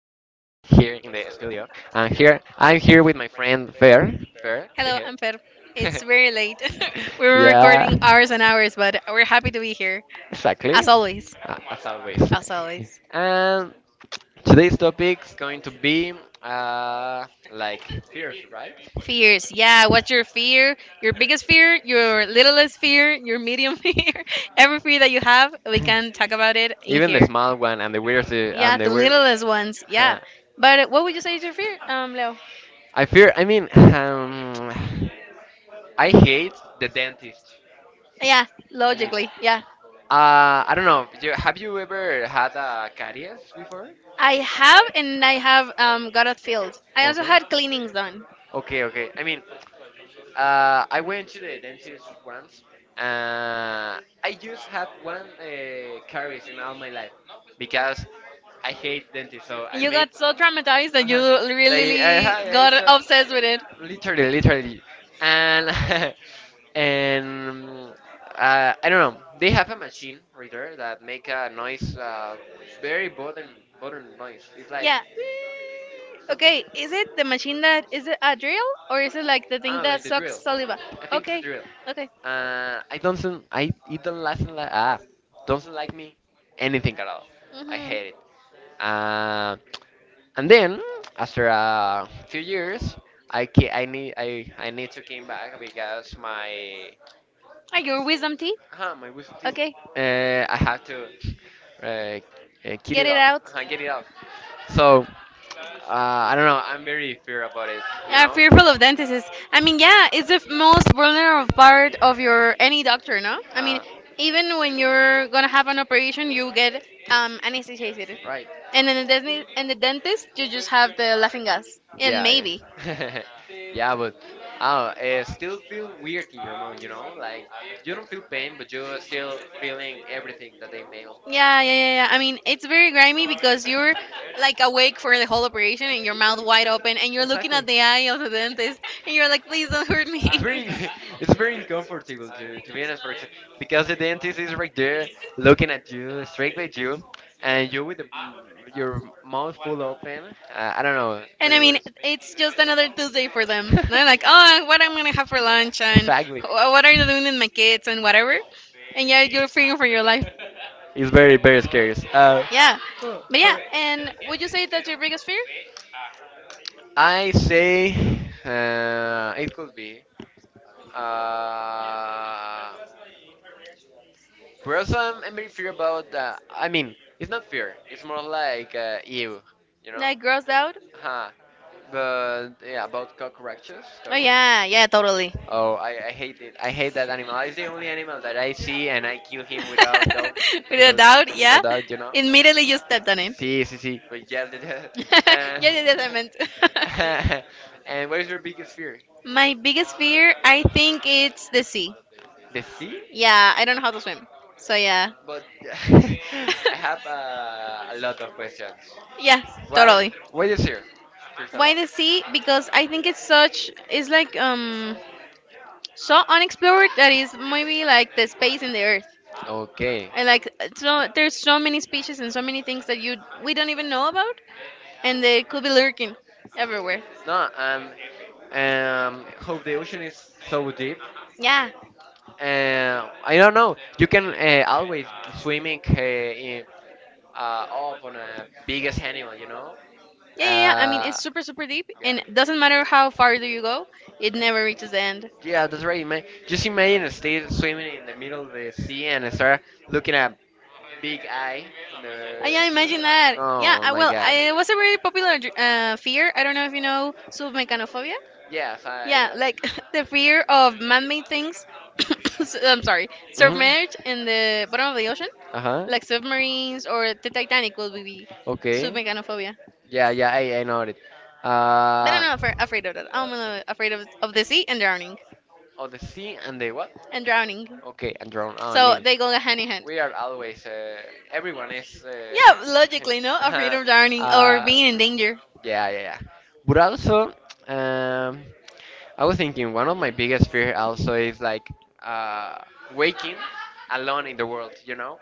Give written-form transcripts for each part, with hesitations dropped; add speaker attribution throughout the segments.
Speaker 1: in the studio, and here I'm here with my friend Fer. Fer, say
Speaker 2: Hello, Amper.
Speaker 1: hey.
Speaker 2: It's very late. we were
Speaker 1: yeah,
Speaker 2: recording hours and hours, but we're happy to be here.
Speaker 1: exactly.
Speaker 2: As always.
Speaker 1: As always.
Speaker 2: As always.
Speaker 1: And today's topic is going to be uh, like fears, right?
Speaker 2: Fears. Yeah, what's your fear? Your biggest fear, your littlest fear, your medium fear. Every fear that you have, we can talk about it in
Speaker 1: Even the
Speaker 2: here.
Speaker 1: small one
Speaker 2: Yeah,
Speaker 1: and
Speaker 2: the
Speaker 1: the weird one.
Speaker 2: littlest ones. Yeah.
Speaker 1: Huh.
Speaker 2: But what would you say is your fear, Leo?
Speaker 1: I fear. I mean, I hate the dentist.
Speaker 2: Yeah,
Speaker 1: I mean,
Speaker 2: logically. Yeah.
Speaker 1: I don't know. Have you ever had a caries before?
Speaker 2: I have, and I have got it filled. I also
Speaker 1: Okay.
Speaker 2: had cleanings done.
Speaker 1: Okay, okay. I mean, I went to the dentist once. I just had one caries in all my life because I hate dentists. So I
Speaker 2: You
Speaker 1: made.
Speaker 2: got so traumatized that you
Speaker 1: Uh-huh. They.
Speaker 2: really
Speaker 1: Hi, hey,
Speaker 2: got
Speaker 1: sir.
Speaker 2: obsessed with it.
Speaker 1: Literally, literally, and and I don't know. They have a machine reader that make a noise, very modern, modern noise. It's like
Speaker 2: Yeah.
Speaker 1: something.
Speaker 2: Okay. Is it the machine that is it a drill or is it like the thing
Speaker 1: Ah,
Speaker 2: that
Speaker 1: like the
Speaker 2: sucks
Speaker 1: drill.
Speaker 2: saliva?
Speaker 1: I think it's the
Speaker 2: Okay.
Speaker 1: drill.
Speaker 2: Okay.
Speaker 1: I don't. I it don't listen like ah, doesn't like me anything at all. I
Speaker 2: Mhm.
Speaker 1: hate it. Uh, and then after a few years, I need I need to came back because my
Speaker 2: Are your wisdom teeth?
Speaker 1: uh-huh, my wisdom teeth.
Speaker 2: Okay.
Speaker 1: I have to uh, get
Speaker 2: Get
Speaker 1: it
Speaker 2: it
Speaker 1: off.
Speaker 2: out.
Speaker 1: Uh-huh, get it off. So, I don't know. I'm very fear about it, you
Speaker 2: Yeah,
Speaker 1: know?
Speaker 2: fearful of dentists. I mean, yeah, it's the most vulnerable part of your any doctor, no? I mean,
Speaker 1: Uh,
Speaker 2: even when you're gonna have an operation, you get anesthetized,
Speaker 1: right.
Speaker 2: and then the dentist, and the dentist, you just have the laughing gas, and
Speaker 1: Yeah,
Speaker 2: maybe.
Speaker 1: yeah. yeah, but I don't know, it still feel weird in your mind, you know? Like, you don't feel pain, but you're still feeling everything that they made.
Speaker 2: Yeah, yeah, yeah, yeah. I mean, it's very grimy because you're like awake for the whole operation and your mouth wide open, and you're looking at
Speaker 1: Exactly.
Speaker 2: the eye of the dentist, and you're like, please don't hurt
Speaker 1: Ah, it's
Speaker 2: me.
Speaker 1: very it's very uncomfortable to be honest, for and because the dentist is right there looking at you, straight at you, and you with the, your mouth full open. I don't know,
Speaker 2: And I
Speaker 1: very
Speaker 2: mean,
Speaker 1: weird.
Speaker 2: it's just another Tuesday for them. They're like, oh, what I'm gonna have for lunch and
Speaker 1: exactly.
Speaker 2: what are you doing with my kids and whatever. And yeah, you're figuring for your life.
Speaker 1: It's very very scary.
Speaker 2: Yeah, but yeah. And would you say that's your biggest fear?
Speaker 1: I say it could be. Uh, but also, I'm very fear about. I mean, it's not fear. It's more like ew, you know.
Speaker 2: Like grossed out?
Speaker 1: Huh. But yeah, about cockroaches.
Speaker 2: Oh
Speaker 1: Cockroaches.
Speaker 2: yeah, yeah, totally.
Speaker 1: Oh, I hate it. I hate that animal. It's the only animal that I see, and I kill him without dog,
Speaker 2: Without a
Speaker 1: without
Speaker 2: doubt, yeah.
Speaker 1: without that, you know.
Speaker 2: Immediately you stepped on it.
Speaker 1: Sí, sí, sí. But yes,
Speaker 2: Yes, yes, yes, I meant.
Speaker 1: uh, and what is your biggest fear?
Speaker 2: My biggest fear, I think it's the sea.
Speaker 1: The sea?
Speaker 2: Yeah, I don't know how to swim. So yeah.
Speaker 1: But I have a lot of questions.
Speaker 2: Yeah,
Speaker 1: Why?
Speaker 2: totally.
Speaker 1: Why is here? First of
Speaker 2: Why the sea? Because I think it's such it's like so unexplored that is maybe like the space in the earth.
Speaker 1: all. Okay.
Speaker 2: And like so there's so many species and so many things that you we don't even know about and they could be lurking everywhere.
Speaker 1: No, hope the ocean is so deep.
Speaker 2: Yeah.
Speaker 1: I don't know. You can always swimming up on a biggest animal, you know.
Speaker 2: Yeah, yeah, yeah. I mean,
Speaker 1: Uh,
Speaker 2: it's super, super deep,
Speaker 1: yeah.
Speaker 2: and it doesn't matter how far do you go, it never reaches the end.
Speaker 1: Yeah, that's right, man. Just imagine stay swimming in the middle of the sea and start looking at big eye in
Speaker 2: I
Speaker 1: the.
Speaker 2: yeah, imagine that.
Speaker 1: No,
Speaker 2: Yeah,
Speaker 1: oh my God.
Speaker 2: it was a very popular fear. I don't know if you know submechanophobia.
Speaker 1: Yes, I
Speaker 2: Yeah,
Speaker 1: know. It.
Speaker 2: like the fear of man-made things. I'm sorry,
Speaker 1: Mm-hmm.
Speaker 2: submerged in the bottom of the ocean,
Speaker 1: Uh huh.
Speaker 2: like submarines or the Titanic will be
Speaker 1: Okay.
Speaker 2: submechanophobia.
Speaker 1: Yeah, yeah, I know it.
Speaker 2: But I'm
Speaker 1: Uh,
Speaker 2: not afraid of that. I'm afraid of the sea and drowning
Speaker 1: oh, the sea and the what?
Speaker 2: and drowning.
Speaker 1: Okay, and drone. Oh, I
Speaker 2: So
Speaker 1: mean,
Speaker 2: they go hand in hand.
Speaker 1: we are always. Everyone is.
Speaker 2: Yeah, logically, no, afraid
Speaker 1: Uh,
Speaker 2: of drowning or
Speaker 1: uh,
Speaker 2: being in danger.
Speaker 1: yeah, yeah, yeah. But also, um, I was thinking one of my biggest fear also is like uh, waking alone in the world. You know,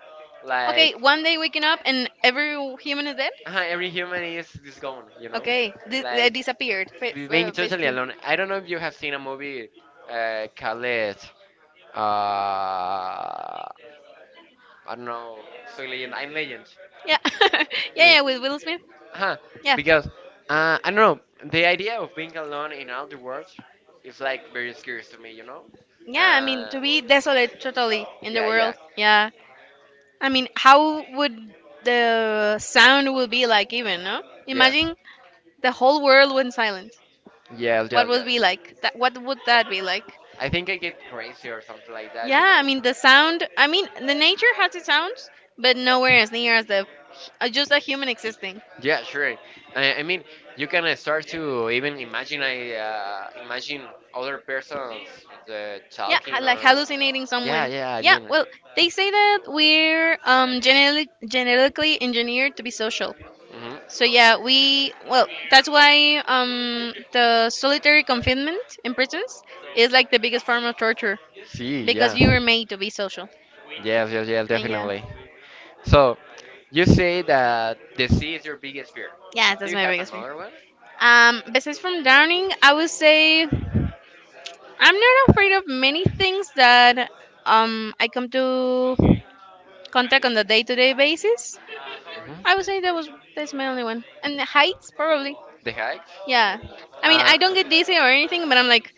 Speaker 2: Okay,
Speaker 1: like
Speaker 2: one day waking up and every human is dead?
Speaker 1: every human is gone. You know,
Speaker 2: Okay, they
Speaker 1: like
Speaker 2: disappeared,
Speaker 1: being totally
Speaker 2: basically.
Speaker 1: alone. I don't know if you have seen a movie called uh, I don't know, Soy Legend, I'm Legend.
Speaker 2: Yeah, yeah, yeah, with Will Smith.
Speaker 1: Huh,
Speaker 2: Yeah,
Speaker 1: because I don't know the idea of being alone in all the world is like very scary to me, you know.
Speaker 2: yeah, I mean,
Speaker 1: Uh,
Speaker 2: to be desolate totally in the
Speaker 1: yeah, yeah,
Speaker 2: world. Yeah. I mean, how would the sound will be like even, no?
Speaker 1: yes,
Speaker 2: Imagine the whole world went silent.
Speaker 1: yes,
Speaker 2: What
Speaker 1: yes,
Speaker 2: would
Speaker 1: yes.
Speaker 2: be like? That what would that be like?
Speaker 1: I think I get crazy or something like that,
Speaker 2: Yeah,
Speaker 1: you
Speaker 2: I
Speaker 1: know.
Speaker 2: mean the sound. I mean the nature has its sounds, but nowhere as near as the just a human existing.
Speaker 1: Yeah, sure. I mean, you can start to even imagine I imagine other persons
Speaker 2: Yeah,
Speaker 1: talking
Speaker 2: like
Speaker 1: or
Speaker 2: hallucinating
Speaker 1: yeah,
Speaker 2: someone.
Speaker 1: yeah. I
Speaker 2: Yeah,
Speaker 1: mean,
Speaker 2: well, they say that we're genetically engineered to be social.
Speaker 1: hmm
Speaker 2: So yeah, that's why the solitary confinement in prisons is like the biggest form of torture
Speaker 1: see,
Speaker 2: because
Speaker 1: yeah,
Speaker 2: you were made to be social.
Speaker 1: yes, yes, yes,
Speaker 2: And yeah,
Speaker 1: definitely. So, you say that the sea is your biggest fear.
Speaker 2: yeah,
Speaker 1: Do
Speaker 2: that's
Speaker 1: you
Speaker 2: my
Speaker 1: have
Speaker 2: biggest fear.
Speaker 1: another one?
Speaker 2: Besides from drowning, I would say I'm not afraid of many things that I come to contact on the day-to-day basis. I
Speaker 1: Mhm.
Speaker 2: would say that was that's my only one, and the heights probably.
Speaker 1: The hikes?
Speaker 2: Yeah, I mean I don't get
Speaker 1: Okay.
Speaker 2: dizzy or anything, but I'm like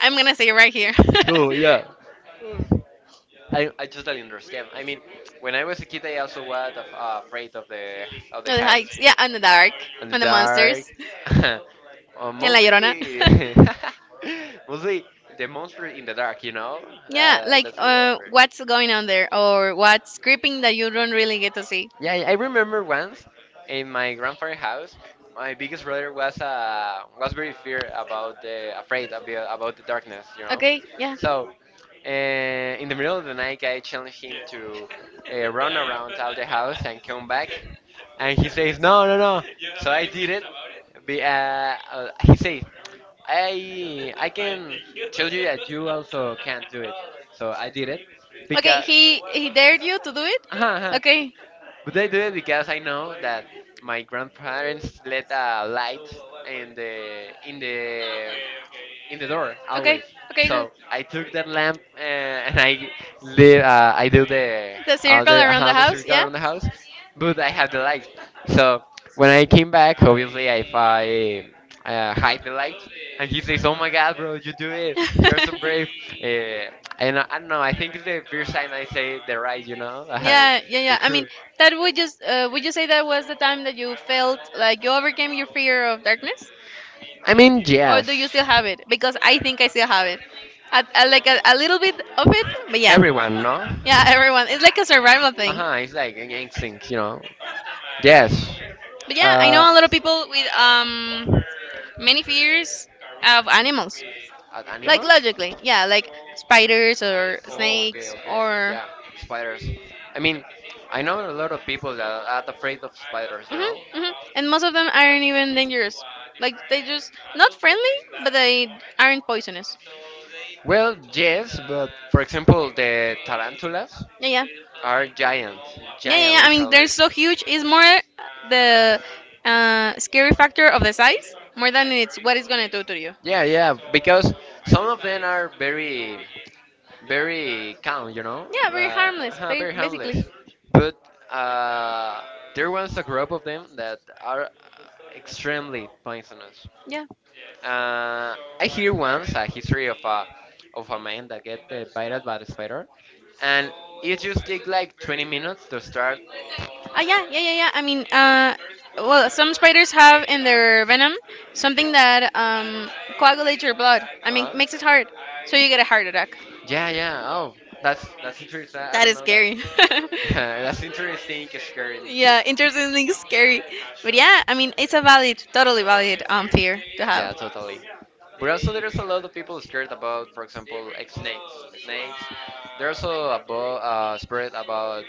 Speaker 2: I'm gonna say it right here.
Speaker 1: Oh, yeah. I totally understand. I mean, when I was a kid, I also was afraid of the
Speaker 2: No, the
Speaker 1: heights
Speaker 2: heights. Yeah, and the dark,
Speaker 1: and the
Speaker 2: and the monsters,
Speaker 1: dark.
Speaker 2: and La Llorona.
Speaker 1: Mostly, mostly the monster in the dark. You know,
Speaker 2: Yeah, like
Speaker 1: that's a real afraid.
Speaker 2: what's going on there or what's creeping that you don't really get to see.
Speaker 1: Yeah, I remember once in my grandfather's house, my biggest brother was very fear about the afraid about the darkness, you know.
Speaker 2: Okay, yeah.
Speaker 1: So uh, in the middle of the night, I challenge him to run around out the house and come back, and he says, "No, no, no." So I did it. He says, I can tell you that you also can't do it." So I did it
Speaker 2: Okay,
Speaker 1: because.
Speaker 2: he dared you to do it.
Speaker 1: Uh-huh, uh-huh.
Speaker 2: Okay,
Speaker 1: But I do it because I know that my grandparents let a light in the in the in the door
Speaker 2: okay,
Speaker 1: always.
Speaker 2: okay. Good.
Speaker 1: So I took that lamp and I do the
Speaker 2: The
Speaker 1: all
Speaker 2: circle
Speaker 1: the
Speaker 2: around the
Speaker 1: all the
Speaker 2: house.
Speaker 1: circle
Speaker 2: Yeah.
Speaker 1: around the house, but I have the light. So when I came back, obviously if I hide the light, and he says, "Oh my God, bro, you do it! You're so brave!" Uh, and I don't know. I think it's the first time I say the right, you know,
Speaker 2: Yeah, yeah,
Speaker 1: the
Speaker 2: yeah. I mean,
Speaker 1: truth.
Speaker 2: that would just would you say that was the time that you felt like you overcame your fear of darkness,
Speaker 1: I mean,
Speaker 2: or do you
Speaker 1: yes.
Speaker 2: still have it? Because I think I still have it. Like a little bit of it, but yeah,
Speaker 1: Everyone, no?
Speaker 2: yeah. Everyone, it's like a survival
Speaker 1: Uh
Speaker 2: thing.
Speaker 1: huh, it's like an instinct, you know? Yes.
Speaker 2: But yeah, I
Speaker 1: Uh,
Speaker 2: know a lot of people with many fears of animals.
Speaker 1: an
Speaker 2: Like
Speaker 1: animal?
Speaker 2: logically, yeah, like spiders or
Speaker 1: Oh, okay,
Speaker 2: snakes
Speaker 1: okay.
Speaker 2: or
Speaker 1: Yeah, spiders. I mean, I know a lot of people that are afraid of spiders, you
Speaker 2: hmm
Speaker 1: know?
Speaker 2: hmm and most of them aren't even dangerous. Like they just not friendly, but they aren't poisonous.
Speaker 1: Well, yes, but for example, the tarantulas
Speaker 2: Yeah, yeah,
Speaker 1: are giant,
Speaker 2: yeah, yeah.
Speaker 1: giant
Speaker 2: Yeah. I mean, they're
Speaker 1: literally.
Speaker 2: so huge. It's more the scary factor of the size more than it's what it's gonna do to you.
Speaker 1: Yeah, yeah, because some of them are very very calm, you know,
Speaker 2: Yeah, very
Speaker 1: like
Speaker 2: harmless,
Speaker 1: huh, very harmless.
Speaker 2: basically.
Speaker 1: But uh, there was a group of them that are extremely poisonous.
Speaker 2: Yeah.
Speaker 1: Uh, I hear once a history of a man that get bited by the spider, and it just take like 20 minutes to start
Speaker 2: Yeah, yeah, yeah, yeah. I mean, well, some spiders have in their venom something that coagulates your blood. I mean,
Speaker 1: uh-huh.
Speaker 2: makes it hard, so you get a heart attack.
Speaker 1: Yeah, yeah. Oh, that's interesting. I really
Speaker 2: That
Speaker 1: don't
Speaker 2: is
Speaker 1: know that.
Speaker 2: scary.
Speaker 1: that's interesting. Scaring.
Speaker 2: Yeah, interesting, scary. But yeah, I mean, it's a valid, totally valid fear to
Speaker 1: Yeah,
Speaker 2: have.
Speaker 1: totally. But also, there's a lot of people scared about, for example, like snakes. Snakes. They're also about spread about,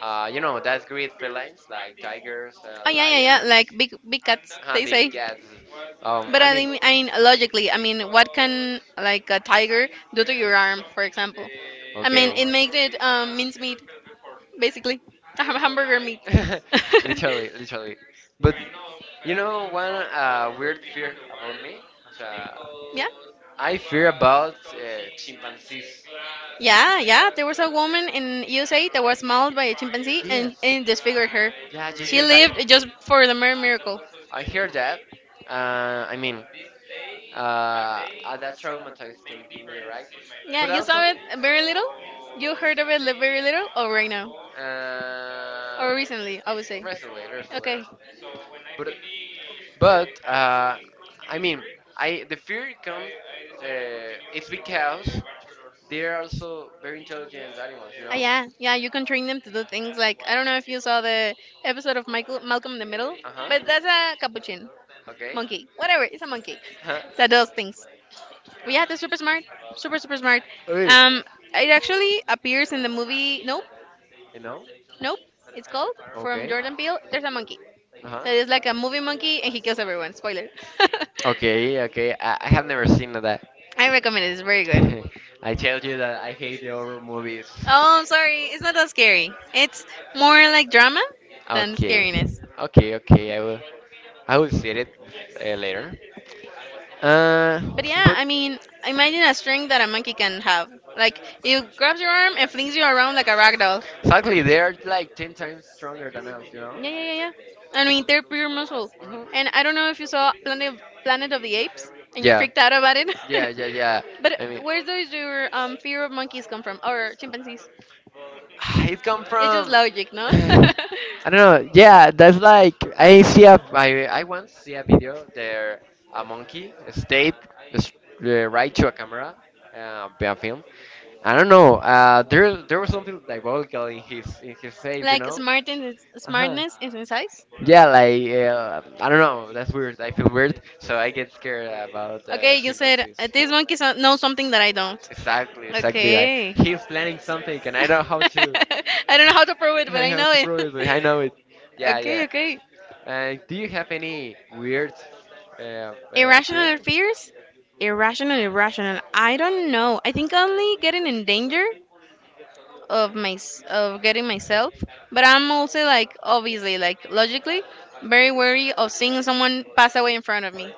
Speaker 1: you know, that's great felines like tigers,
Speaker 2: Oh yeah, yeah, yeah.
Speaker 1: lions,
Speaker 2: Like big, big cats, they
Speaker 1: big
Speaker 2: say.
Speaker 1: cats. I mean.
Speaker 2: I mean, logically, I mean, what can like a tiger do to your arm, for example? I mean,
Speaker 1: Okay.
Speaker 2: it made it mincemeat, basically, a hamburger meat.
Speaker 1: literally, literally. But you know one weird fear about me? So,
Speaker 2: Yeah,
Speaker 1: I fear about chimpanzees.
Speaker 2: yeah, yeah. There was a woman in USA that was mauled by a chimpanzee
Speaker 1: Yes.
Speaker 2: and disfigured her.
Speaker 1: Yeah, this
Speaker 2: She
Speaker 1: is I
Speaker 2: lived just for the mere miracle.
Speaker 1: I hear that, I mean, uh, that traumatized to me, right?
Speaker 2: Yeah,
Speaker 1: But
Speaker 2: you
Speaker 1: also,
Speaker 2: saw it very little. You heard of it very little, or right now,
Speaker 1: uh,
Speaker 2: or recently, I would say.
Speaker 1: recently, recently,
Speaker 2: Okay,
Speaker 1: recently. But but uh, I mean, I the fear comes. It's because they're also very intelligent animals, you know.
Speaker 2: Yeah, yeah, you can train them to do things like I don't know if you saw the episode of Michael Malcolm in the Middle,
Speaker 1: Uh huh.
Speaker 2: but that's a capuchin
Speaker 1: Okay.
Speaker 2: monkey, whatever. It's a monkey
Speaker 1: Huh?
Speaker 2: that does things. But yeah, they're super smart, super super smart.
Speaker 1: Hey.
Speaker 2: Um, it actually appears in the movie. Nope,
Speaker 1: You know?
Speaker 2: nope. It's called from
Speaker 1: Okay.
Speaker 2: Jordan Peele. There's a monkey
Speaker 1: Uh-huh.
Speaker 2: that is like a movie monkey and he kills everyone. Spoiler.
Speaker 1: Okay, okay. I have never seen that.
Speaker 2: I recommend it. It's very good.
Speaker 1: I tell you that I hate the horror movies.
Speaker 2: Oh, I'm sorry. It's not that scary. It's more like drama than
Speaker 1: Okay.
Speaker 2: scariness.
Speaker 1: Okay, okay. I will see it later. Uh
Speaker 2: But yeah,
Speaker 1: but
Speaker 2: I mean, imagine a string that a monkey can have. Like, it grabs your arm and flings you around like a rag doll.
Speaker 1: sadly they are like 10 times stronger than us, you know?
Speaker 2: Yeah, yeah, yeah, yeah. I mean, they're pure muscle.
Speaker 1: Mhm.
Speaker 2: And I don't know if you saw Planet of the Apes and you
Speaker 1: Yeah.
Speaker 2: freaked out about it.
Speaker 1: Yeah, yeah, yeah.
Speaker 2: But
Speaker 1: I mean
Speaker 2: where does your fear of monkeys come from? Or chimpanzees?
Speaker 1: Ah, it come
Speaker 2: It's just
Speaker 1: from.
Speaker 2: logic, no?
Speaker 1: I don't know. Yeah, that's like I once see a video there a monkey stayed s- right to a camera, be a film. I don't know. There there was something diabolical in his face, you
Speaker 2: Like
Speaker 1: know. Uh huh.
Speaker 2: smartness is in size?
Speaker 1: Yeah, like I don't know. That's weird. I feel weird, so I get scared about
Speaker 2: Okay, you said
Speaker 1: chimpanzees.
Speaker 2: this monkey knows something that I don't.
Speaker 1: Exactly, exactly. Like
Speaker 2: Okay.
Speaker 1: he's planning something, and I don't know how to
Speaker 2: I don't know how to prove it, but
Speaker 1: I
Speaker 2: I
Speaker 1: know,
Speaker 2: know
Speaker 1: to
Speaker 2: it.
Speaker 1: probably. I know it. Yeah,
Speaker 2: Okay,
Speaker 1: yeah.
Speaker 2: okay.
Speaker 1: Do you have any weird uh, fear?
Speaker 2: Irrational fears? Irrational, irrational. I don't know. I think only getting in danger of getting myself, but I'm also like obviously like logically very wary of seeing someone pass away in front of me,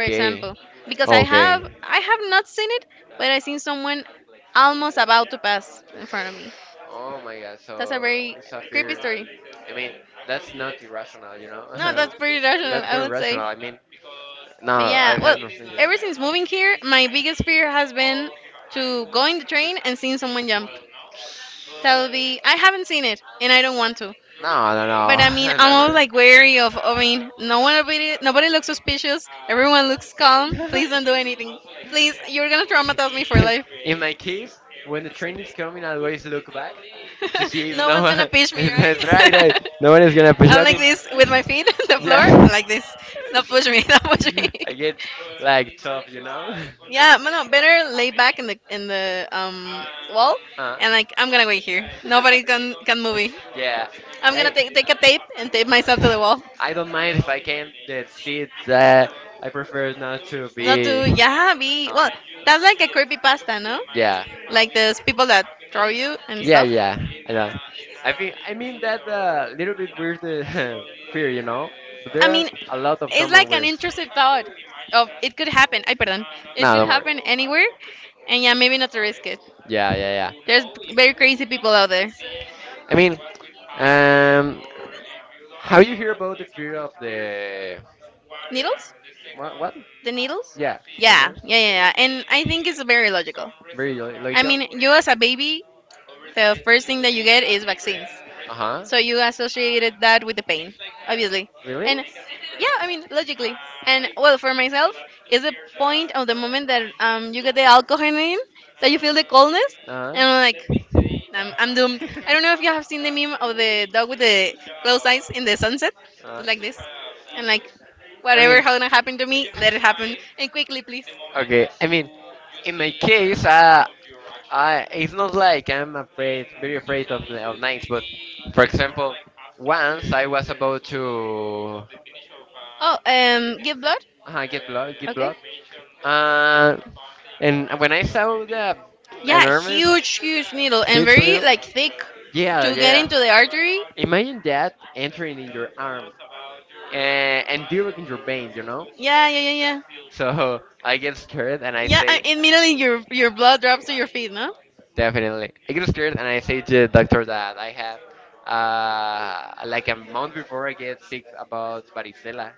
Speaker 2: for example, because
Speaker 1: Okay.
Speaker 2: I have not seen it, but I seen someone almost about to pass in front of me.
Speaker 1: Oh my God,
Speaker 2: That's a
Speaker 1: so
Speaker 2: very
Speaker 1: it's a
Speaker 2: creepy
Speaker 1: fear.
Speaker 2: story.
Speaker 1: I mean, that's not irrational, you
Speaker 2: No,
Speaker 1: know?
Speaker 2: that's pretty rational,
Speaker 1: that's
Speaker 2: I
Speaker 1: very
Speaker 2: would
Speaker 1: rational.
Speaker 2: say.
Speaker 1: I mean, no,
Speaker 2: But
Speaker 1: I
Speaker 2: yeah,
Speaker 1: have
Speaker 2: well,
Speaker 1: had no fear.
Speaker 2: ever since moving here my biggest fear has been to go in the train and seeing someone jump. That would be, I haven't seen it and I don't want to.
Speaker 1: No, no,
Speaker 2: But I mean,
Speaker 1: no,
Speaker 2: I'm always
Speaker 1: never.
Speaker 2: like wary of. I mean, no one, nobody, nobody looks suspicious. Everyone looks calm. Please don't do anything. Please, you're gonna traumatize me for life.
Speaker 1: In my case, when the train is coming, I always look back to see if
Speaker 2: No
Speaker 1: no
Speaker 2: one's gonna
Speaker 1: one.
Speaker 2: push me,
Speaker 1: That's
Speaker 2: right?
Speaker 1: right, right. No one is gonna push.
Speaker 2: I'm
Speaker 1: I
Speaker 2: like
Speaker 1: mean,
Speaker 2: this with my feet on the floor.
Speaker 1: yeah.
Speaker 2: I like this. Don't push me. Don't push me.
Speaker 1: I get like tough, you know.
Speaker 2: Yeah, but no, better lay back in the wall,
Speaker 1: Uh.
Speaker 2: and like I'm gonna wait here. Nobody can move me.
Speaker 1: yeah.
Speaker 2: I'm gonna
Speaker 1: I,
Speaker 2: take a tape and tape myself to the wall.
Speaker 1: I don't mind if I can see it. I prefer not to
Speaker 2: Not
Speaker 1: be.
Speaker 2: to yeah, be
Speaker 1: Um,
Speaker 2: well. That's like a creepy pasta, no?
Speaker 1: yeah.
Speaker 2: Like those people that draw you and
Speaker 1: Yeah,
Speaker 2: stuff.
Speaker 1: yeah. I know. I think I mean that little bit weird fear, you know. But
Speaker 2: I
Speaker 1: there are
Speaker 2: mean,
Speaker 1: a lot of
Speaker 2: it's
Speaker 1: common
Speaker 2: like an
Speaker 1: weirds.
Speaker 2: intrusive thought of it could happen. I pardon, it
Speaker 1: No,
Speaker 2: could
Speaker 1: don't worry.
Speaker 2: happen anywhere, and yeah, maybe not to risk it.
Speaker 1: Yeah, yeah,
Speaker 2: There's very crazy people out
Speaker 1: yeah.
Speaker 2: there.
Speaker 1: I mean, um, how you hear about the fear of the
Speaker 2: Needles?
Speaker 1: what? What?
Speaker 2: The needles?
Speaker 1: Yeah, you
Speaker 2: Yeah,
Speaker 1: know,
Speaker 2: yeah, yeah, yeah. And I think it's very logical.
Speaker 1: very
Speaker 2: I
Speaker 1: logical.
Speaker 2: mean, you as a baby, the first thing that you get is vaccines.
Speaker 1: Uh huh.
Speaker 2: So you associated that with the pain, obviously.
Speaker 1: Really?
Speaker 2: And yeah, I mean, logically. And well, for myself, is the point of the moment that you get the alcohol in, that you feel the coldness,
Speaker 1: Uh-huh.
Speaker 2: and I'm like, I'm doomed. I don't know if you have seen the meme of the dog with the closed eyes in the sunset, but
Speaker 1: Uh,
Speaker 2: like this. And like,
Speaker 1: I
Speaker 2: whatever
Speaker 1: mean,
Speaker 2: gonna happen to me, let it happen. And quickly, please.
Speaker 1: okay, I mean, in my case, I it's not like I'm afraid, very afraid of of nights, but for example, once I was about to
Speaker 2: Oh, give blood?
Speaker 1: get
Speaker 2: Okay.
Speaker 1: blood, uh, and when I saw the
Speaker 2: Yeah,
Speaker 1: enormous,
Speaker 2: huge, huge needle and
Speaker 1: huge
Speaker 2: very
Speaker 1: little,
Speaker 2: like thick
Speaker 1: yeah,
Speaker 2: to get
Speaker 1: yeah,
Speaker 2: into the artery.
Speaker 1: imagine that entering in your arm, and developing your veins, you know.
Speaker 2: Yeah, yeah, yeah, yeah.
Speaker 1: So I get scared and I
Speaker 2: Yeah,
Speaker 1: say,
Speaker 2: and immediately your blood drops to your feet, no?
Speaker 1: definitely. I get scared and I say to the doctor that I have, like a month before I get sick about varicella,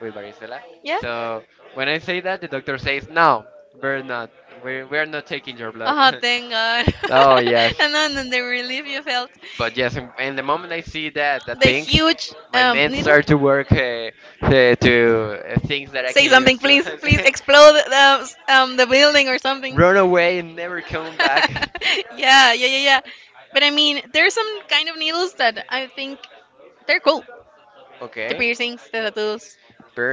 Speaker 1: with varicella.
Speaker 2: Yeah.
Speaker 1: So when I say that, the doctor says, no, we're not, we're not taking your blood.
Speaker 2: Oh, thank God.
Speaker 1: oh, yes.
Speaker 2: And then the relief you felt.
Speaker 1: But yes. And in the moment I see that, that
Speaker 2: The
Speaker 1: thing,
Speaker 2: huge
Speaker 1: my mind
Speaker 2: needle.
Speaker 1: start to work to things that I
Speaker 2: Say
Speaker 1: can
Speaker 2: something,
Speaker 1: use to
Speaker 2: please. Please explode the building or something.
Speaker 1: run away and never come back.
Speaker 2: Yeah, yeah, yeah, yeah. But I mean, there's some kind of needles that I think they're cool. The
Speaker 1: Okay.
Speaker 2: piercings, the tattoos,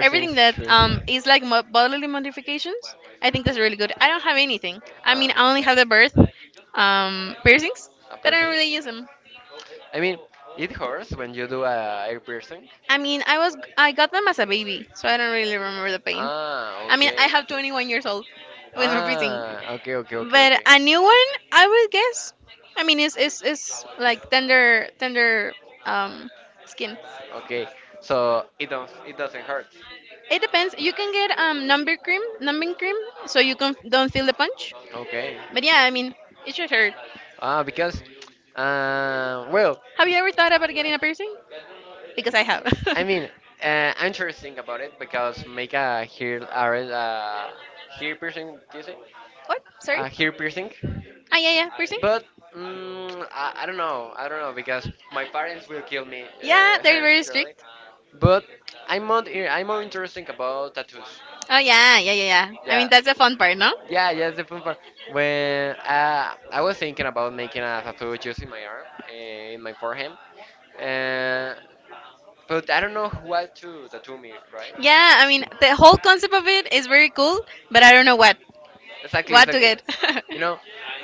Speaker 2: everything that
Speaker 1: true.
Speaker 2: is like bodily modifications. I think that's really good. I don't have anything. I
Speaker 1: Uh,
Speaker 2: mean, I only have the birth piercings,
Speaker 1: a
Speaker 2: but I don't
Speaker 1: piercing?
Speaker 2: really use them.
Speaker 1: I mean, it hurts when you do a ear piercing.
Speaker 2: I mean, I got them as a baby, so I don't really remember the pain.
Speaker 1: Ah,
Speaker 2: I mean, I
Speaker 1: okay.
Speaker 2: have 21 years old with my piercing,
Speaker 1: Ah, okay, okay, okay,
Speaker 2: but
Speaker 1: okay.
Speaker 2: a new one I would guess. I mean it's like tender um skin.
Speaker 1: Okay, so it don't it doesn't hurt.
Speaker 2: It depends. You can get numbing cream numbing cream. So you can don't feel the punch.
Speaker 1: Okay.
Speaker 2: But yeah, I mean, it should hurt.
Speaker 1: Ah, because, uh, well,
Speaker 2: Have you ever thought about getting a piercing? Because I have.
Speaker 1: I mean, I'm interesting about it because make a hair, a, red, hair piercing, do you say?
Speaker 2: What? Sorry?
Speaker 1: Hair piercing.
Speaker 2: Ah, yeah, yeah, piercing?
Speaker 1: But I don't know. I don't know because my parents will kill me
Speaker 2: Yeah, they're very
Speaker 1: surely.
Speaker 2: strict.
Speaker 1: But I'm more interested about tattoos.
Speaker 2: Oh, yeah, yeah, yeah, yeah. I mean,
Speaker 1: Yeah,
Speaker 2: that's the fun part, no?
Speaker 1: yeah, yeah. That's the fun part when I was thinking about making a tattoo just in my arm, in my forehead, uh, but I don't know what to tattoo me, right?
Speaker 2: Yeah, I mean, the whole concept of it is very cool, but I don't know what.
Speaker 1: Exactly,
Speaker 2: What to
Speaker 1: exactly.
Speaker 2: get.
Speaker 1: You know,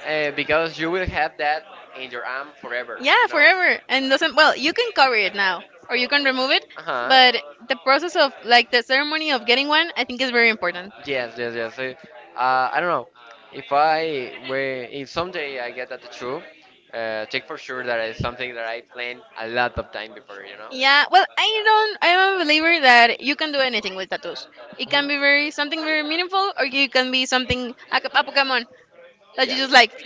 Speaker 1: because you will have that in your arm forever. You
Speaker 2: Yeah,
Speaker 1: know.
Speaker 2: forever. And doesn't, well, you can cover it now, or you can remove it,
Speaker 1: Uh
Speaker 2: but
Speaker 1: huh.
Speaker 2: the process of, like, the ceremony of getting one, I think is very important.
Speaker 1: Yes, yes, yes. I don't know. If someday I get that tattoo, take for sure that it's something that I plan a lot of time before. You know.
Speaker 2: Yeah, well, I don't. I'm a believer that you can do anything with tattoos. It
Speaker 1: Mhm.
Speaker 2: can be very something very meaningful, or you can be something a Pokemon that you
Speaker 1: Yeah.
Speaker 2: just liked.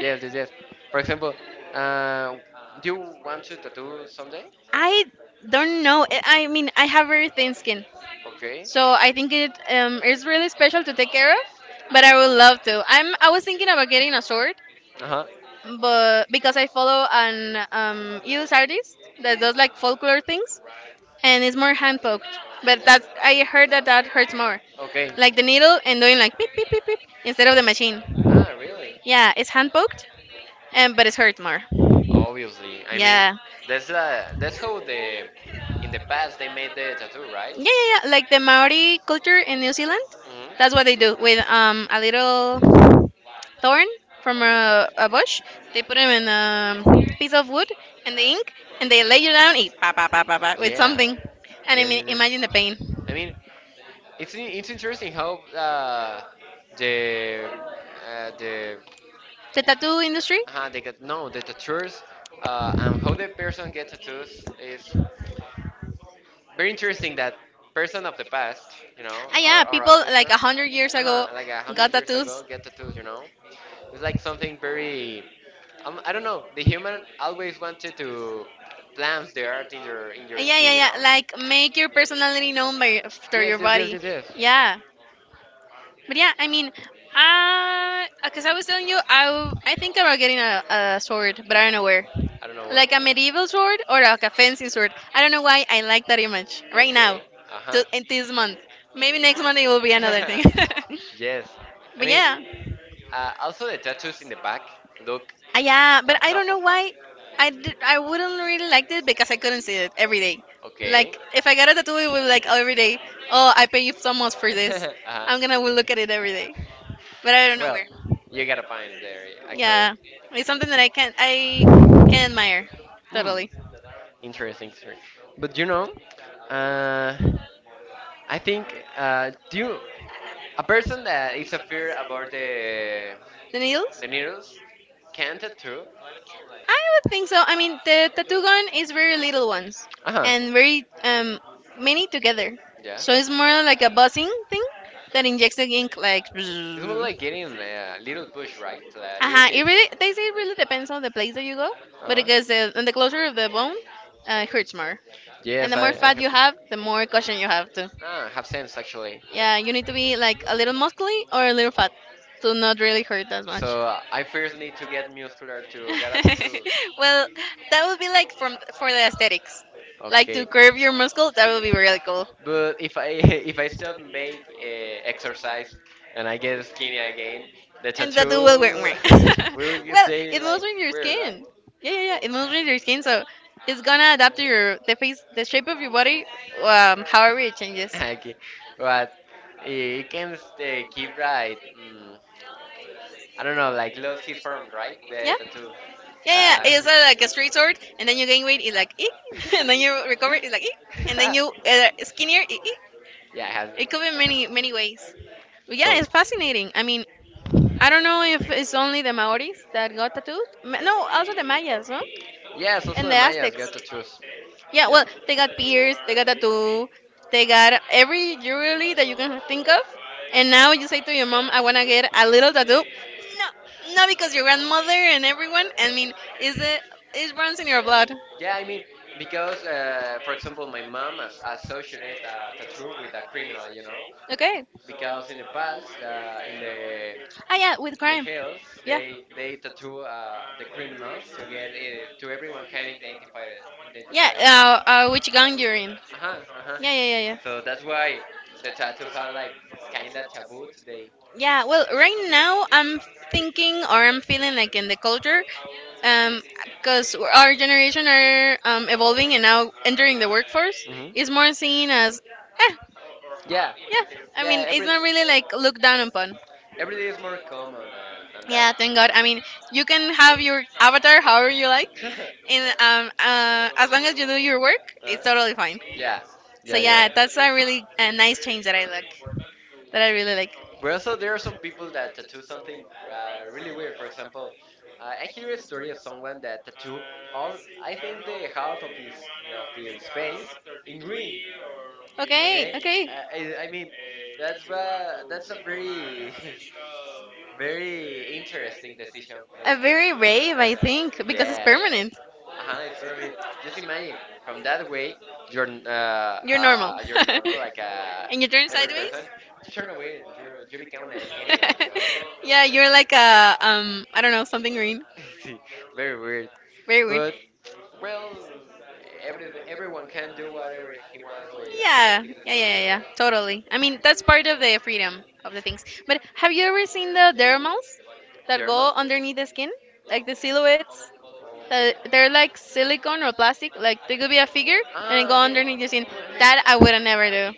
Speaker 1: Yes, yes, yes. For example, uh, do you want to tattoo someday?
Speaker 2: I don't know. I mean, I have very thin skin,
Speaker 1: Okay.
Speaker 2: so I think it is really special to take care of. But I would love to. I'm. I was thinking about getting a sword,
Speaker 1: Uh huh.
Speaker 2: but because I follow an US artist that does like folklore things, and it's more hand poked. But that's I heard that that hurts more,
Speaker 1: Okay.
Speaker 2: like the needle and doing like beep beep beep beep instead of the machine.
Speaker 1: Ah, really?
Speaker 2: Yeah, it's hand poked, and but it hurts more.
Speaker 1: Obviously. I mean,
Speaker 2: Yeah,
Speaker 1: that's how the in the past they made the tattoo, right?
Speaker 2: yeah, yeah, yeah. Like the Maori culture in New Zealand, that's what they do
Speaker 1: Hmm.
Speaker 2: with a little thorn from a bush. They put them in a piece of wood and the ink, and they lay you down, eat pa pa pa pa pa with
Speaker 1: Yeah.
Speaker 2: something, and I
Speaker 1: Yes,
Speaker 2: mean
Speaker 1: it is.
Speaker 2: imagine the pain.
Speaker 1: I mean, it's interesting how uh, the uh, the
Speaker 2: The tattoo industry,
Speaker 1: they get no the tattoos and how the person gets tattoos is very interesting. That person of the past, you know,
Speaker 2: ah
Speaker 1: or
Speaker 2: yeah,
Speaker 1: our
Speaker 2: people like
Speaker 1: ancestor,
Speaker 2: a hundred years ago
Speaker 1: like a
Speaker 2: got
Speaker 1: hundred years
Speaker 2: tattoos.
Speaker 1: ago, get tattoos, you know. It's like something very, I don't know. The human always wanted to plant the art in your
Speaker 2: Yeah, yeah,
Speaker 1: skin, you know.
Speaker 2: yeah. Like make your personality known by after
Speaker 1: Yes,
Speaker 2: your
Speaker 1: yes, yes,
Speaker 2: body.
Speaker 1: yes, yes.
Speaker 2: Yeah, but yeah, I mean, because I was telling you, I think about getting a sword, but I don't know where.
Speaker 1: I don't know what.
Speaker 2: Like a medieval sword or like a fancy sword. I don't know why I like that image right now,
Speaker 1: Okay. Uh huh.
Speaker 2: to, in this month. Maybe next month it will be another thing.
Speaker 1: Yes, I
Speaker 2: But
Speaker 1: mean,
Speaker 2: yeah.
Speaker 1: also the tattoos in the back look
Speaker 2: Yeah, but
Speaker 1: tough,
Speaker 2: I
Speaker 1: tough
Speaker 2: don't
Speaker 1: as
Speaker 2: know
Speaker 1: fuck.
Speaker 2: why. I wouldn't really like it because I couldn't see it every day.
Speaker 1: Okay.
Speaker 2: Like, if I got a tattoo, it would be like every day. Oh, I pay you so much for this.
Speaker 1: Uh-huh.
Speaker 2: I'm gonna look at it every day. But I don't know
Speaker 1: Well,
Speaker 2: where.
Speaker 1: you got a point there, actually.
Speaker 2: Yeah, it's something that I can admire
Speaker 1: Hmm.
Speaker 2: totally.
Speaker 1: Interesting, interesting. But you know, uh, I think do you, a person that is a fear about
Speaker 2: The needles?
Speaker 1: the needles can tattoo.
Speaker 2: I would think so. I mean, the Tatugon is very little ones
Speaker 1: Uh huh.
Speaker 2: and very many together.
Speaker 1: Yeah.
Speaker 2: So it's more like a buzzing thing that injects the ink like.
Speaker 1: It's more like
Speaker 2: Bzzz.
Speaker 1: getting a little push, right? A little
Speaker 2: Uh-huh. It
Speaker 1: hits.
Speaker 2: really, they say it really depends on the place that you go, but
Speaker 1: Uh
Speaker 2: because the, and the
Speaker 1: huh.
Speaker 2: closer of the bone, it hurts more. And
Speaker 1: Yes,
Speaker 2: the more
Speaker 1: I
Speaker 2: fat
Speaker 1: have.
Speaker 2: you have, the more caution you have to.
Speaker 1: Ah, have sense actually.
Speaker 2: Yeah, you need to be like a little muscly or a little fat to not really hurt as much
Speaker 1: So I first need to get muscular to
Speaker 2: too.
Speaker 1: karate too.
Speaker 2: Well, that would be like from for the aesthetics, like
Speaker 1: Okay.
Speaker 2: to curve your muscle. That would be really cool,
Speaker 1: But if I if I stop make exercise and I get skinny again, the
Speaker 2: and that will
Speaker 1: tattoo
Speaker 2: work.
Speaker 1: will
Speaker 2: Well,
Speaker 1: stay
Speaker 2: it moves
Speaker 1: like
Speaker 2: with your
Speaker 1: weird, right?
Speaker 2: skin. Yeah, yeah, yeah. It moves with your skin, so it's gonna adapt to your the face, the shape of your body, however it changes.
Speaker 1: Okay, but it can stay, keep right. I don't know, like lose his form, right? The
Speaker 2: Yeah, The
Speaker 1: tattoo.
Speaker 2: yeah, yeah. It's like a straight sword, and then you gain weight. It's like, "Eek," and then you recover. It's like, "Eek," and then
Speaker 1: Uh,
Speaker 2: you skinnier. "Eek, eek."
Speaker 1: Yeah, it has.
Speaker 2: It could be
Speaker 1: It has.
Speaker 2: many, many ways. Yeah,
Speaker 1: So.
Speaker 2: it's fascinating. I mean, I don't know if it's only the Maoris that got tattoos. No, also the Mayas, no?
Speaker 1: Yes, also
Speaker 2: And
Speaker 1: the
Speaker 2: the
Speaker 1: Mayas get
Speaker 2: Aztecs.
Speaker 1: to choose.
Speaker 2: Yeah,
Speaker 1: Yeah.
Speaker 2: well, they got pierced, they got tattoo, they got every jewelry that you can think of. And now you say to your mom, I want to get a little tattoo. No, no, because your grandmother and everyone, I mean, is it, it runs in your blood.
Speaker 1: Yeah, I mean, because, for example, my mom has associated a tattoo with a criminal, you know?
Speaker 2: Okay,
Speaker 1: Because in the past, uh, in the
Speaker 2: ah, yeah, with
Speaker 1: in the
Speaker 2: crime.
Speaker 1: hills,
Speaker 2: Yeah.
Speaker 1: they tattoo the criminals to get to everyone can identify it,
Speaker 2: Yeah,
Speaker 1: identify it.
Speaker 2: which gang you're in.
Speaker 1: Uh-huh, uh-huh.
Speaker 2: Yeah, yeah, yeah, yeah.
Speaker 1: So that's why the tattoos are like kinda taboo today.
Speaker 2: Yeah, well, right now I'm thinking or I'm feeling like in the culture, um, because our generation are evolving and now entering the workforce
Speaker 1: Mhm.
Speaker 2: is more seen as. Eh,
Speaker 1: Yeah,
Speaker 2: yeah, I
Speaker 1: yeah.
Speaker 2: mean, it's not really like looked down upon.
Speaker 1: Every day is more common than that.
Speaker 2: Yeah, thank God. I mean, you can have your avatar however you like, and as long as you do your work,
Speaker 1: Huh?
Speaker 2: it's totally fine.
Speaker 1: Yeah,
Speaker 2: So
Speaker 1: yeah, yeah.
Speaker 2: yeah, that's a really a nice change that I like, that I really like.
Speaker 1: But also, there are some people that tattoo something really weird. For example, I hear a story of someone that tattooed all, I think, the half of his face in green.
Speaker 2: Okay,
Speaker 1: Okay,
Speaker 2: okay,
Speaker 1: I mean, that's a very very interesting decision
Speaker 2: a very
Speaker 1: for that
Speaker 2: rave, I
Speaker 1: person.
Speaker 2: think,
Speaker 1: Yeah,
Speaker 2: because it's permanent.
Speaker 1: yeah. Uh-huh, it's for me. Just imagine from that way,
Speaker 2: You're normal,
Speaker 1: you're normal like
Speaker 2: and you turn
Speaker 1: every
Speaker 2: sideways.
Speaker 1: person. You turn away, you become an alien, you
Speaker 2: Yeah, you're like
Speaker 1: know.
Speaker 2: a I don't know, something green.
Speaker 1: Very weird.
Speaker 2: Very weird.
Speaker 1: But well, every everyone can do whatever he wants with
Speaker 2: Yeah, yeah,
Speaker 1: his
Speaker 2: yeah,
Speaker 1: skin, you
Speaker 2: yeah,
Speaker 1: know.
Speaker 2: yeah. Totally. I mean, that's part of the freedom of the things. But have you ever seen the dermals that
Speaker 1: Derma.
Speaker 2: go underneath the skin, like the silhouettes?
Speaker 1: Okay.
Speaker 2: That they're like silicone or plastic. Like they could be a figure and then
Speaker 1: Ah,
Speaker 2: go
Speaker 1: okay.
Speaker 2: underneath your skin.
Speaker 1: Oh, I mean,
Speaker 2: That I would never do.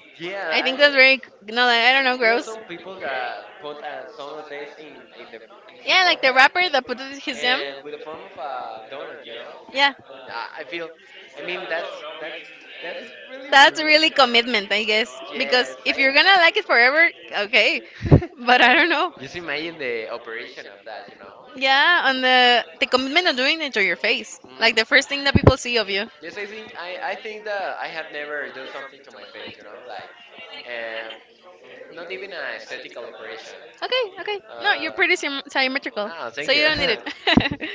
Speaker 2: I
Speaker 1: yeah,
Speaker 2: think that's
Speaker 1: I.
Speaker 2: very no, like, I don't know,
Speaker 1: There are
Speaker 2: gross.
Speaker 1: some people that put some of this in in the
Speaker 2: Yeah, like the
Speaker 1: forehead,
Speaker 2: rapper that put his him.
Speaker 1: and with the form of a donut, you know.
Speaker 2: Yeah,
Speaker 1: I feel, I mean that's that's really
Speaker 2: that's
Speaker 1: rude.
Speaker 2: really commitment, I guess. Because
Speaker 1: Yes,
Speaker 2: if
Speaker 1: I.
Speaker 2: you're gonna like it forever, okay. But I don't know.
Speaker 1: Just imagine the operation of that, you know.
Speaker 2: Yeah, on the commitment of doing it to your face,
Speaker 1: Mm.
Speaker 2: like the first thing that people see of you.
Speaker 1: Yes, I think I think that I have never done something to my face, you know, like um, not even an aesthetical operation.
Speaker 2: Okay, okay. No, you're
Speaker 1: Uh,
Speaker 2: pretty symmetrical,
Speaker 1: ah,
Speaker 2: so
Speaker 1: thank
Speaker 2: you
Speaker 1: you.
Speaker 2: don't need it.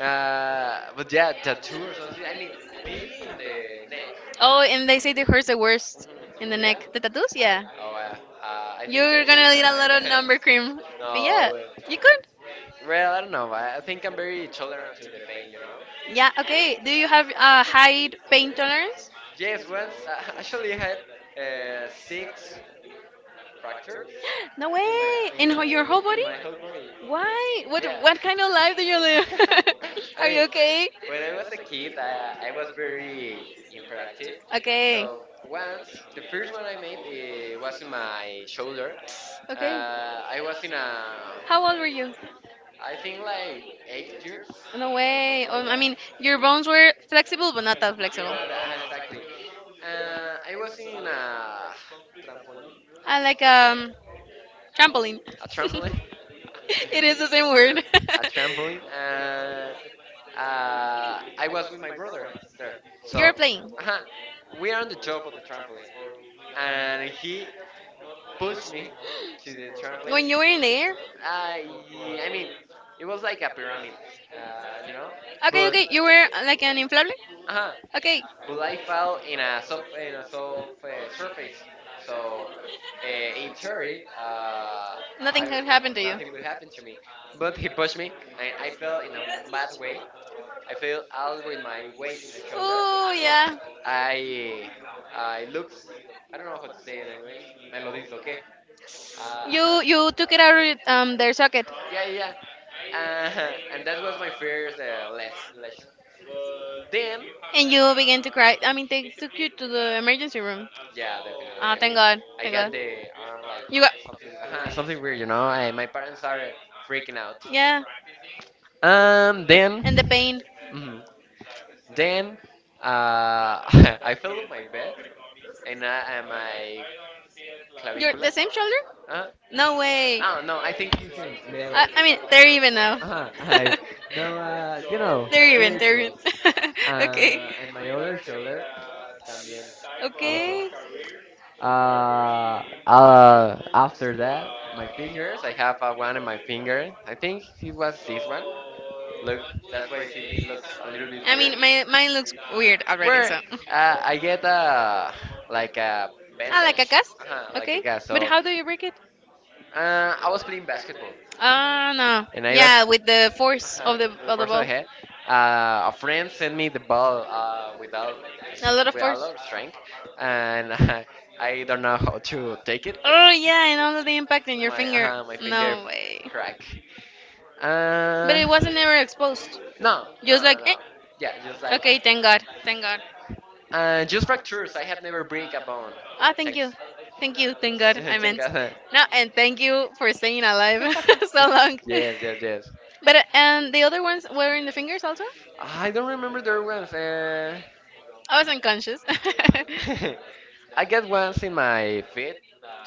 Speaker 1: But yeah, tattoo or something. I mean, maybe in the neck.
Speaker 2: Oh, and they say the hurts the
Speaker 1: Mm,
Speaker 2: worst in the
Speaker 1: yeah.
Speaker 2: neck. The tattoos, yeah.
Speaker 1: Oh, uh, I think I
Speaker 2: You're
Speaker 1: changed
Speaker 2: gonna
Speaker 1: my
Speaker 2: need a
Speaker 1: mind.
Speaker 2: lot of number cream. But yeah,
Speaker 1: No. Wait.
Speaker 2: you could.
Speaker 1: Well, I don't know. I think I'm very tolerant to the pain, you know.
Speaker 2: Yeah. Okay. Do you have a high pain tolerance?
Speaker 1: Yes, once actually I had six fractures
Speaker 2: No
Speaker 1: in my
Speaker 2: way!
Speaker 1: in
Speaker 2: In your
Speaker 1: my
Speaker 2: whole
Speaker 1: in
Speaker 2: body?
Speaker 1: my whole body.
Speaker 2: Why? What
Speaker 1: Yeah.
Speaker 2: what kind of life do you live?
Speaker 1: I
Speaker 2: Are
Speaker 1: mean,
Speaker 2: you okay?
Speaker 1: when I was a kid, I was very impractive.
Speaker 2: Okay.
Speaker 1: So once, the first one I made was in my shoulder. Uh,
Speaker 2: Okay.
Speaker 1: I was in a,
Speaker 2: How old were you? I
Speaker 1: I think like 8 years
Speaker 2: No
Speaker 1: or
Speaker 2: way.
Speaker 1: something
Speaker 2: Oh,
Speaker 1: like
Speaker 2: I
Speaker 1: that.
Speaker 2: mean, your bones were flexible, but not that flexible.
Speaker 1: No, no, exactly. I was in
Speaker 2: I like trampoline.
Speaker 1: a trampoline.
Speaker 2: It is the same word.
Speaker 1: A trampoline, and I was with my brother there.
Speaker 2: You're
Speaker 1: So,
Speaker 2: playing.
Speaker 1: uh we are on the top of the trampoline, and he
Speaker 2: Push
Speaker 1: pushed
Speaker 2: me
Speaker 1: me to
Speaker 2: to
Speaker 1: the
Speaker 2: the trauma.
Speaker 1: trampoline.
Speaker 2: When you were in the air,
Speaker 1: I mean, it was like a pyramid, you know,
Speaker 2: okay,
Speaker 1: but
Speaker 2: okay, you were like an inflatable?
Speaker 1: uh-huh.
Speaker 2: Okay,
Speaker 1: But I fell in a soft surface. So in theory,
Speaker 2: nothing
Speaker 1: I
Speaker 2: had happened to you.
Speaker 1: nothing
Speaker 2: Nothing
Speaker 1: will
Speaker 2: would
Speaker 1: happen
Speaker 2: happen
Speaker 1: to
Speaker 2: to me.
Speaker 1: me.
Speaker 2: But
Speaker 1: But he pushed me, and I
Speaker 2: I
Speaker 1: fell
Speaker 2: fell
Speaker 1: in
Speaker 2: in
Speaker 1: a
Speaker 2: a
Speaker 1: bad
Speaker 2: flat
Speaker 1: way.
Speaker 2: way.
Speaker 1: I
Speaker 2: I
Speaker 1: fell
Speaker 2: fell out
Speaker 1: out with
Speaker 2: of
Speaker 1: my
Speaker 2: my weight
Speaker 1: weight in
Speaker 2: in
Speaker 1: the
Speaker 2: the shoulder.
Speaker 1: shoulder.
Speaker 2: Oh
Speaker 1: So
Speaker 2: yeah,
Speaker 1: I I looked. I don't know how to say it in English. Me lo disloqué.
Speaker 2: you
Speaker 1: Ajá.
Speaker 2: you took it out of their socket
Speaker 1: Yeah, yeah, yeah. And that was my first lesson. Then.
Speaker 2: and you began to cry. I mean, they took you to the emergency room. Yeah,
Speaker 1: Yeah, definitely.
Speaker 2: ah, definitely.
Speaker 1: I
Speaker 2: Thank
Speaker 1: mean,
Speaker 2: God,
Speaker 1: I
Speaker 2: thank God.
Speaker 1: get
Speaker 2: And the
Speaker 1: the arm
Speaker 2: arm,
Speaker 1: like
Speaker 2: like, you got
Speaker 1: something,
Speaker 2: something,
Speaker 1: something
Speaker 2: something,
Speaker 1: weird, you know. I, my
Speaker 2: my partner
Speaker 1: parents are
Speaker 2: started
Speaker 1: freaking
Speaker 2: freaking
Speaker 1: out.
Speaker 2: out. Yeah,
Speaker 1: Then,
Speaker 2: and the pain.
Speaker 1: mhm, then, I fell on my bed and I and my
Speaker 2: You're
Speaker 1: clavicula.
Speaker 2: the same shoulder?
Speaker 1: Uh,
Speaker 2: No way.
Speaker 1: oh no, I think you should the other.
Speaker 2: I mean, they're even now.
Speaker 1: I no, you know,
Speaker 2: They're even,
Speaker 1: very
Speaker 2: they're
Speaker 1: close.
Speaker 2: even. Okay.
Speaker 1: And my other shoulder también also.
Speaker 2: Okay.
Speaker 1: Uh, after that, my fingers. I have one in my finger. I think it was this one. Look, that's why he it looks a little bit
Speaker 2: I
Speaker 1: weird.
Speaker 2: mean, my mine looks weird already,
Speaker 1: Where
Speaker 2: so.
Speaker 1: I get a like a
Speaker 2: I like a
Speaker 1: vantage,
Speaker 2: cacas.
Speaker 1: like a
Speaker 2: Okay.
Speaker 1: guy.
Speaker 2: But
Speaker 1: So
Speaker 2: how do you break it?
Speaker 1: I was playing basketball,
Speaker 2: Ah, no.
Speaker 1: and I was
Speaker 2: Yeah, with the force
Speaker 1: uh-huh. The
Speaker 2: of the
Speaker 1: first I
Speaker 2: ball.
Speaker 1: had, a friend sent me the ball without
Speaker 2: A
Speaker 1: s-
Speaker 2: lot of
Speaker 1: with a
Speaker 2: force.
Speaker 1: lot of strength, and I don't know how to take it. That
Speaker 2: Oh yeah, and all of the impact in your
Speaker 1: my
Speaker 2: finger.
Speaker 1: my finger
Speaker 2: No way.
Speaker 1: crack.
Speaker 2: But
Speaker 1: Uh,
Speaker 2: it wasn't ever exposed.
Speaker 1: no,
Speaker 2: Just
Speaker 1: no, no,
Speaker 2: like.
Speaker 1: no.
Speaker 2: Eh,
Speaker 1: Yeah, just like
Speaker 2: okay, thank God. Thank God.
Speaker 1: just fractures. I have never break a bone.
Speaker 2: Ah, thank
Speaker 1: Thanks.
Speaker 2: you. Thank you. Thank God. I
Speaker 1: Thank
Speaker 2: meant.
Speaker 1: God.
Speaker 2: No, and thank you for staying alive so long.
Speaker 1: Yes, yes, yes.
Speaker 2: But and the other ones were in the fingers also?
Speaker 1: I don't remember their ones.
Speaker 2: I was unconscious.
Speaker 1: I got once in my feet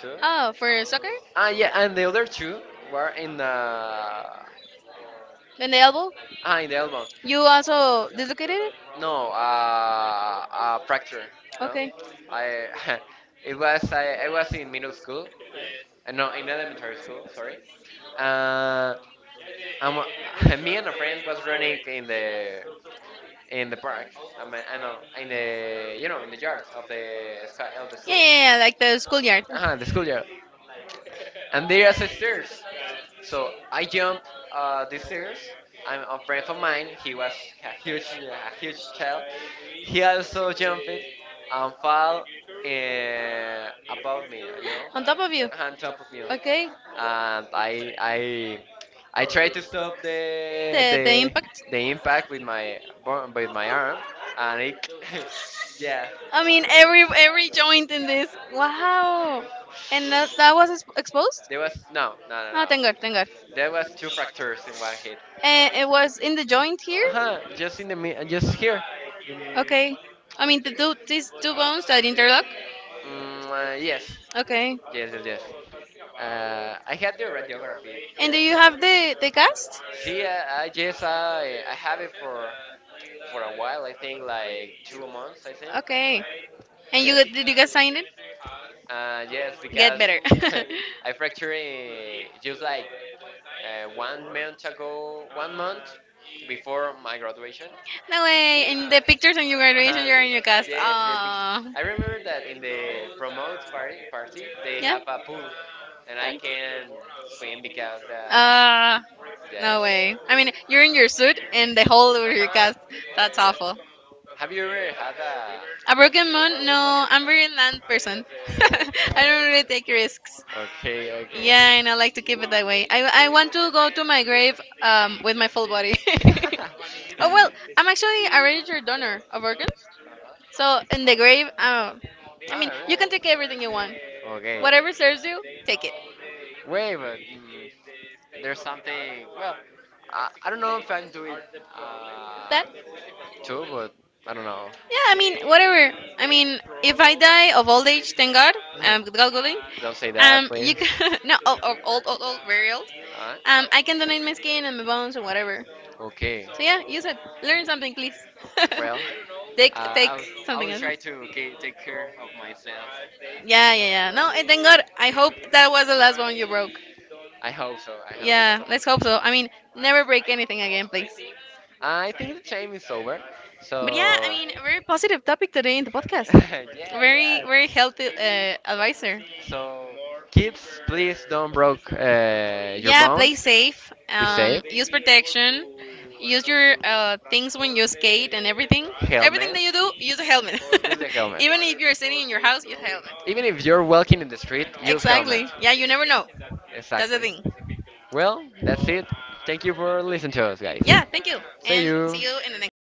Speaker 1: too.
Speaker 2: Oh, for soccer?
Speaker 1: Ah, yeah, and the other two were in the
Speaker 2: And the elbow?
Speaker 1: in the elbow.
Speaker 2: You also dislocated it?
Speaker 1: No, a fracture. No,
Speaker 2: Okay.
Speaker 1: I it was I was in middle school. No, in elementary school. Sorry. Uh, I'm me and a friend was running in
Speaker 2: Yeah,
Speaker 1: the park. I mean, I know in the you know in the yard of the sky of the
Speaker 2: yeah,
Speaker 1: school.
Speaker 2: yeah, like the schoolyard.
Speaker 1: Uh-huh, the schoolyard. And there are stairs. So I jump the stairs. I'm a friend of mine. He was a huge child. He also jumped and fell uh, above me, you know,
Speaker 2: On top of you.
Speaker 1: on top of me. And
Speaker 2: Okay.
Speaker 1: I, I, I tried to stop
Speaker 2: The impact.
Speaker 1: the impact with my with my arm, and it, yeah,
Speaker 2: I mean, every joint in this. Wow. And that, that was exposed?
Speaker 1: there was no, no, no,
Speaker 2: Oh, thank God, thank God.
Speaker 1: no. There was two fractures in one hit.
Speaker 2: And it was in the joint here?
Speaker 1: Uh-huh, just in the just here. In,
Speaker 2: Okay. I mean, the two, these two bones that interlock?
Speaker 1: Yes.
Speaker 2: Okay.
Speaker 1: Yes, yes, yes. I had the radiography,
Speaker 2: And do
Speaker 1: yes. So.
Speaker 2: you have the cast?
Speaker 1: See, I have it for a while. I think like 2 months. I think.
Speaker 2: Okay. And you
Speaker 1: Yes.
Speaker 2: did you guys sign it?
Speaker 1: Yes,
Speaker 2: Get
Speaker 1: because
Speaker 2: better.
Speaker 1: I fractured eh, just like 1 month ago, 1 month before my graduation.
Speaker 2: No way. In the pictures on your graduation,
Speaker 1: Uh,
Speaker 2: you're in your cast.
Speaker 1: yes, in the picture.
Speaker 2: Aw.
Speaker 1: I remember that in the promote party, party they
Speaker 2: Yeah?
Speaker 1: have a pool, and I
Speaker 2: Uh,
Speaker 1: can swim because
Speaker 2: uh,
Speaker 1: yes.
Speaker 2: no way. I mean, you're in your suit and the whole over
Speaker 1: Uh
Speaker 2: your
Speaker 1: huh.
Speaker 2: cast. That's
Speaker 1: Yes.
Speaker 2: awful.
Speaker 1: Have you ever had
Speaker 2: A broken
Speaker 1: a
Speaker 2: moon?
Speaker 1: broken one?
Speaker 2: No, I'm very land person. I
Speaker 1: Oh, okay.
Speaker 2: don't really take risks.
Speaker 1: Okay,
Speaker 2: Yeah, and I like to keep it that way. I want to go to my grave with my full
Speaker 1: okay.
Speaker 2: body. Oh, well, I'm actually a registered donor of organs. So in the grave, I mean,
Speaker 1: Ah,
Speaker 2: you can
Speaker 1: really?
Speaker 2: take everything you want.
Speaker 1: Okay.
Speaker 2: Whatever serves you, take it.
Speaker 1: Wait, but there's something. Well, I don't know if I am doing uh,
Speaker 2: That?
Speaker 1: too, but I don't know.
Speaker 2: Yeah, I mean, whatever. I mean, if I die of old age, thank God, God willing,
Speaker 1: Don't say that,
Speaker 2: you
Speaker 1: please.
Speaker 2: can no of, of old old old burial.
Speaker 1: Alright.
Speaker 2: I can donate my skin and my bones and whatever.
Speaker 1: So okay. So
Speaker 2: So yeah, use it. Learn something, please.
Speaker 1: well, uh,
Speaker 2: Take take
Speaker 1: I will I
Speaker 2: something
Speaker 1: will
Speaker 2: else.
Speaker 1: try to
Speaker 2: Yeah,
Speaker 1: take care of myself.
Speaker 2: yeah, yeah. No, and thank God. I hope that was the last one you broke.
Speaker 1: I hope so. I hope so.
Speaker 2: Yeah, let's hope so. I mean, never break anything again, please.
Speaker 1: I think the time is over.
Speaker 2: But yeah, I
Speaker 1: So
Speaker 2: mean, a very positive topic today in the podcast.
Speaker 1: yeah,
Speaker 2: Very,
Speaker 1: yeah.
Speaker 2: very healthy advisor.
Speaker 1: So kids, please don't broke your
Speaker 2: Yeah, play
Speaker 1: bones.
Speaker 2: safe.
Speaker 1: The safe.
Speaker 2: Use protection. Use your things when you skate and everything. Everything that
Speaker 1: Helmet.
Speaker 2: you do, use a helmet.
Speaker 1: Use the helmet.
Speaker 2: Even if you're sitting in your house, use a helmet.
Speaker 1: Even if you're walking in the street, use helmet.
Speaker 2: Exactly. Yeah, you never know. That's the
Speaker 1: Exactly.
Speaker 2: thing.
Speaker 1: Well, that's it. Thank you for listening to us, guys.
Speaker 2: Yeah, thank you.
Speaker 1: See
Speaker 2: And
Speaker 1: you.
Speaker 2: see you in the next time.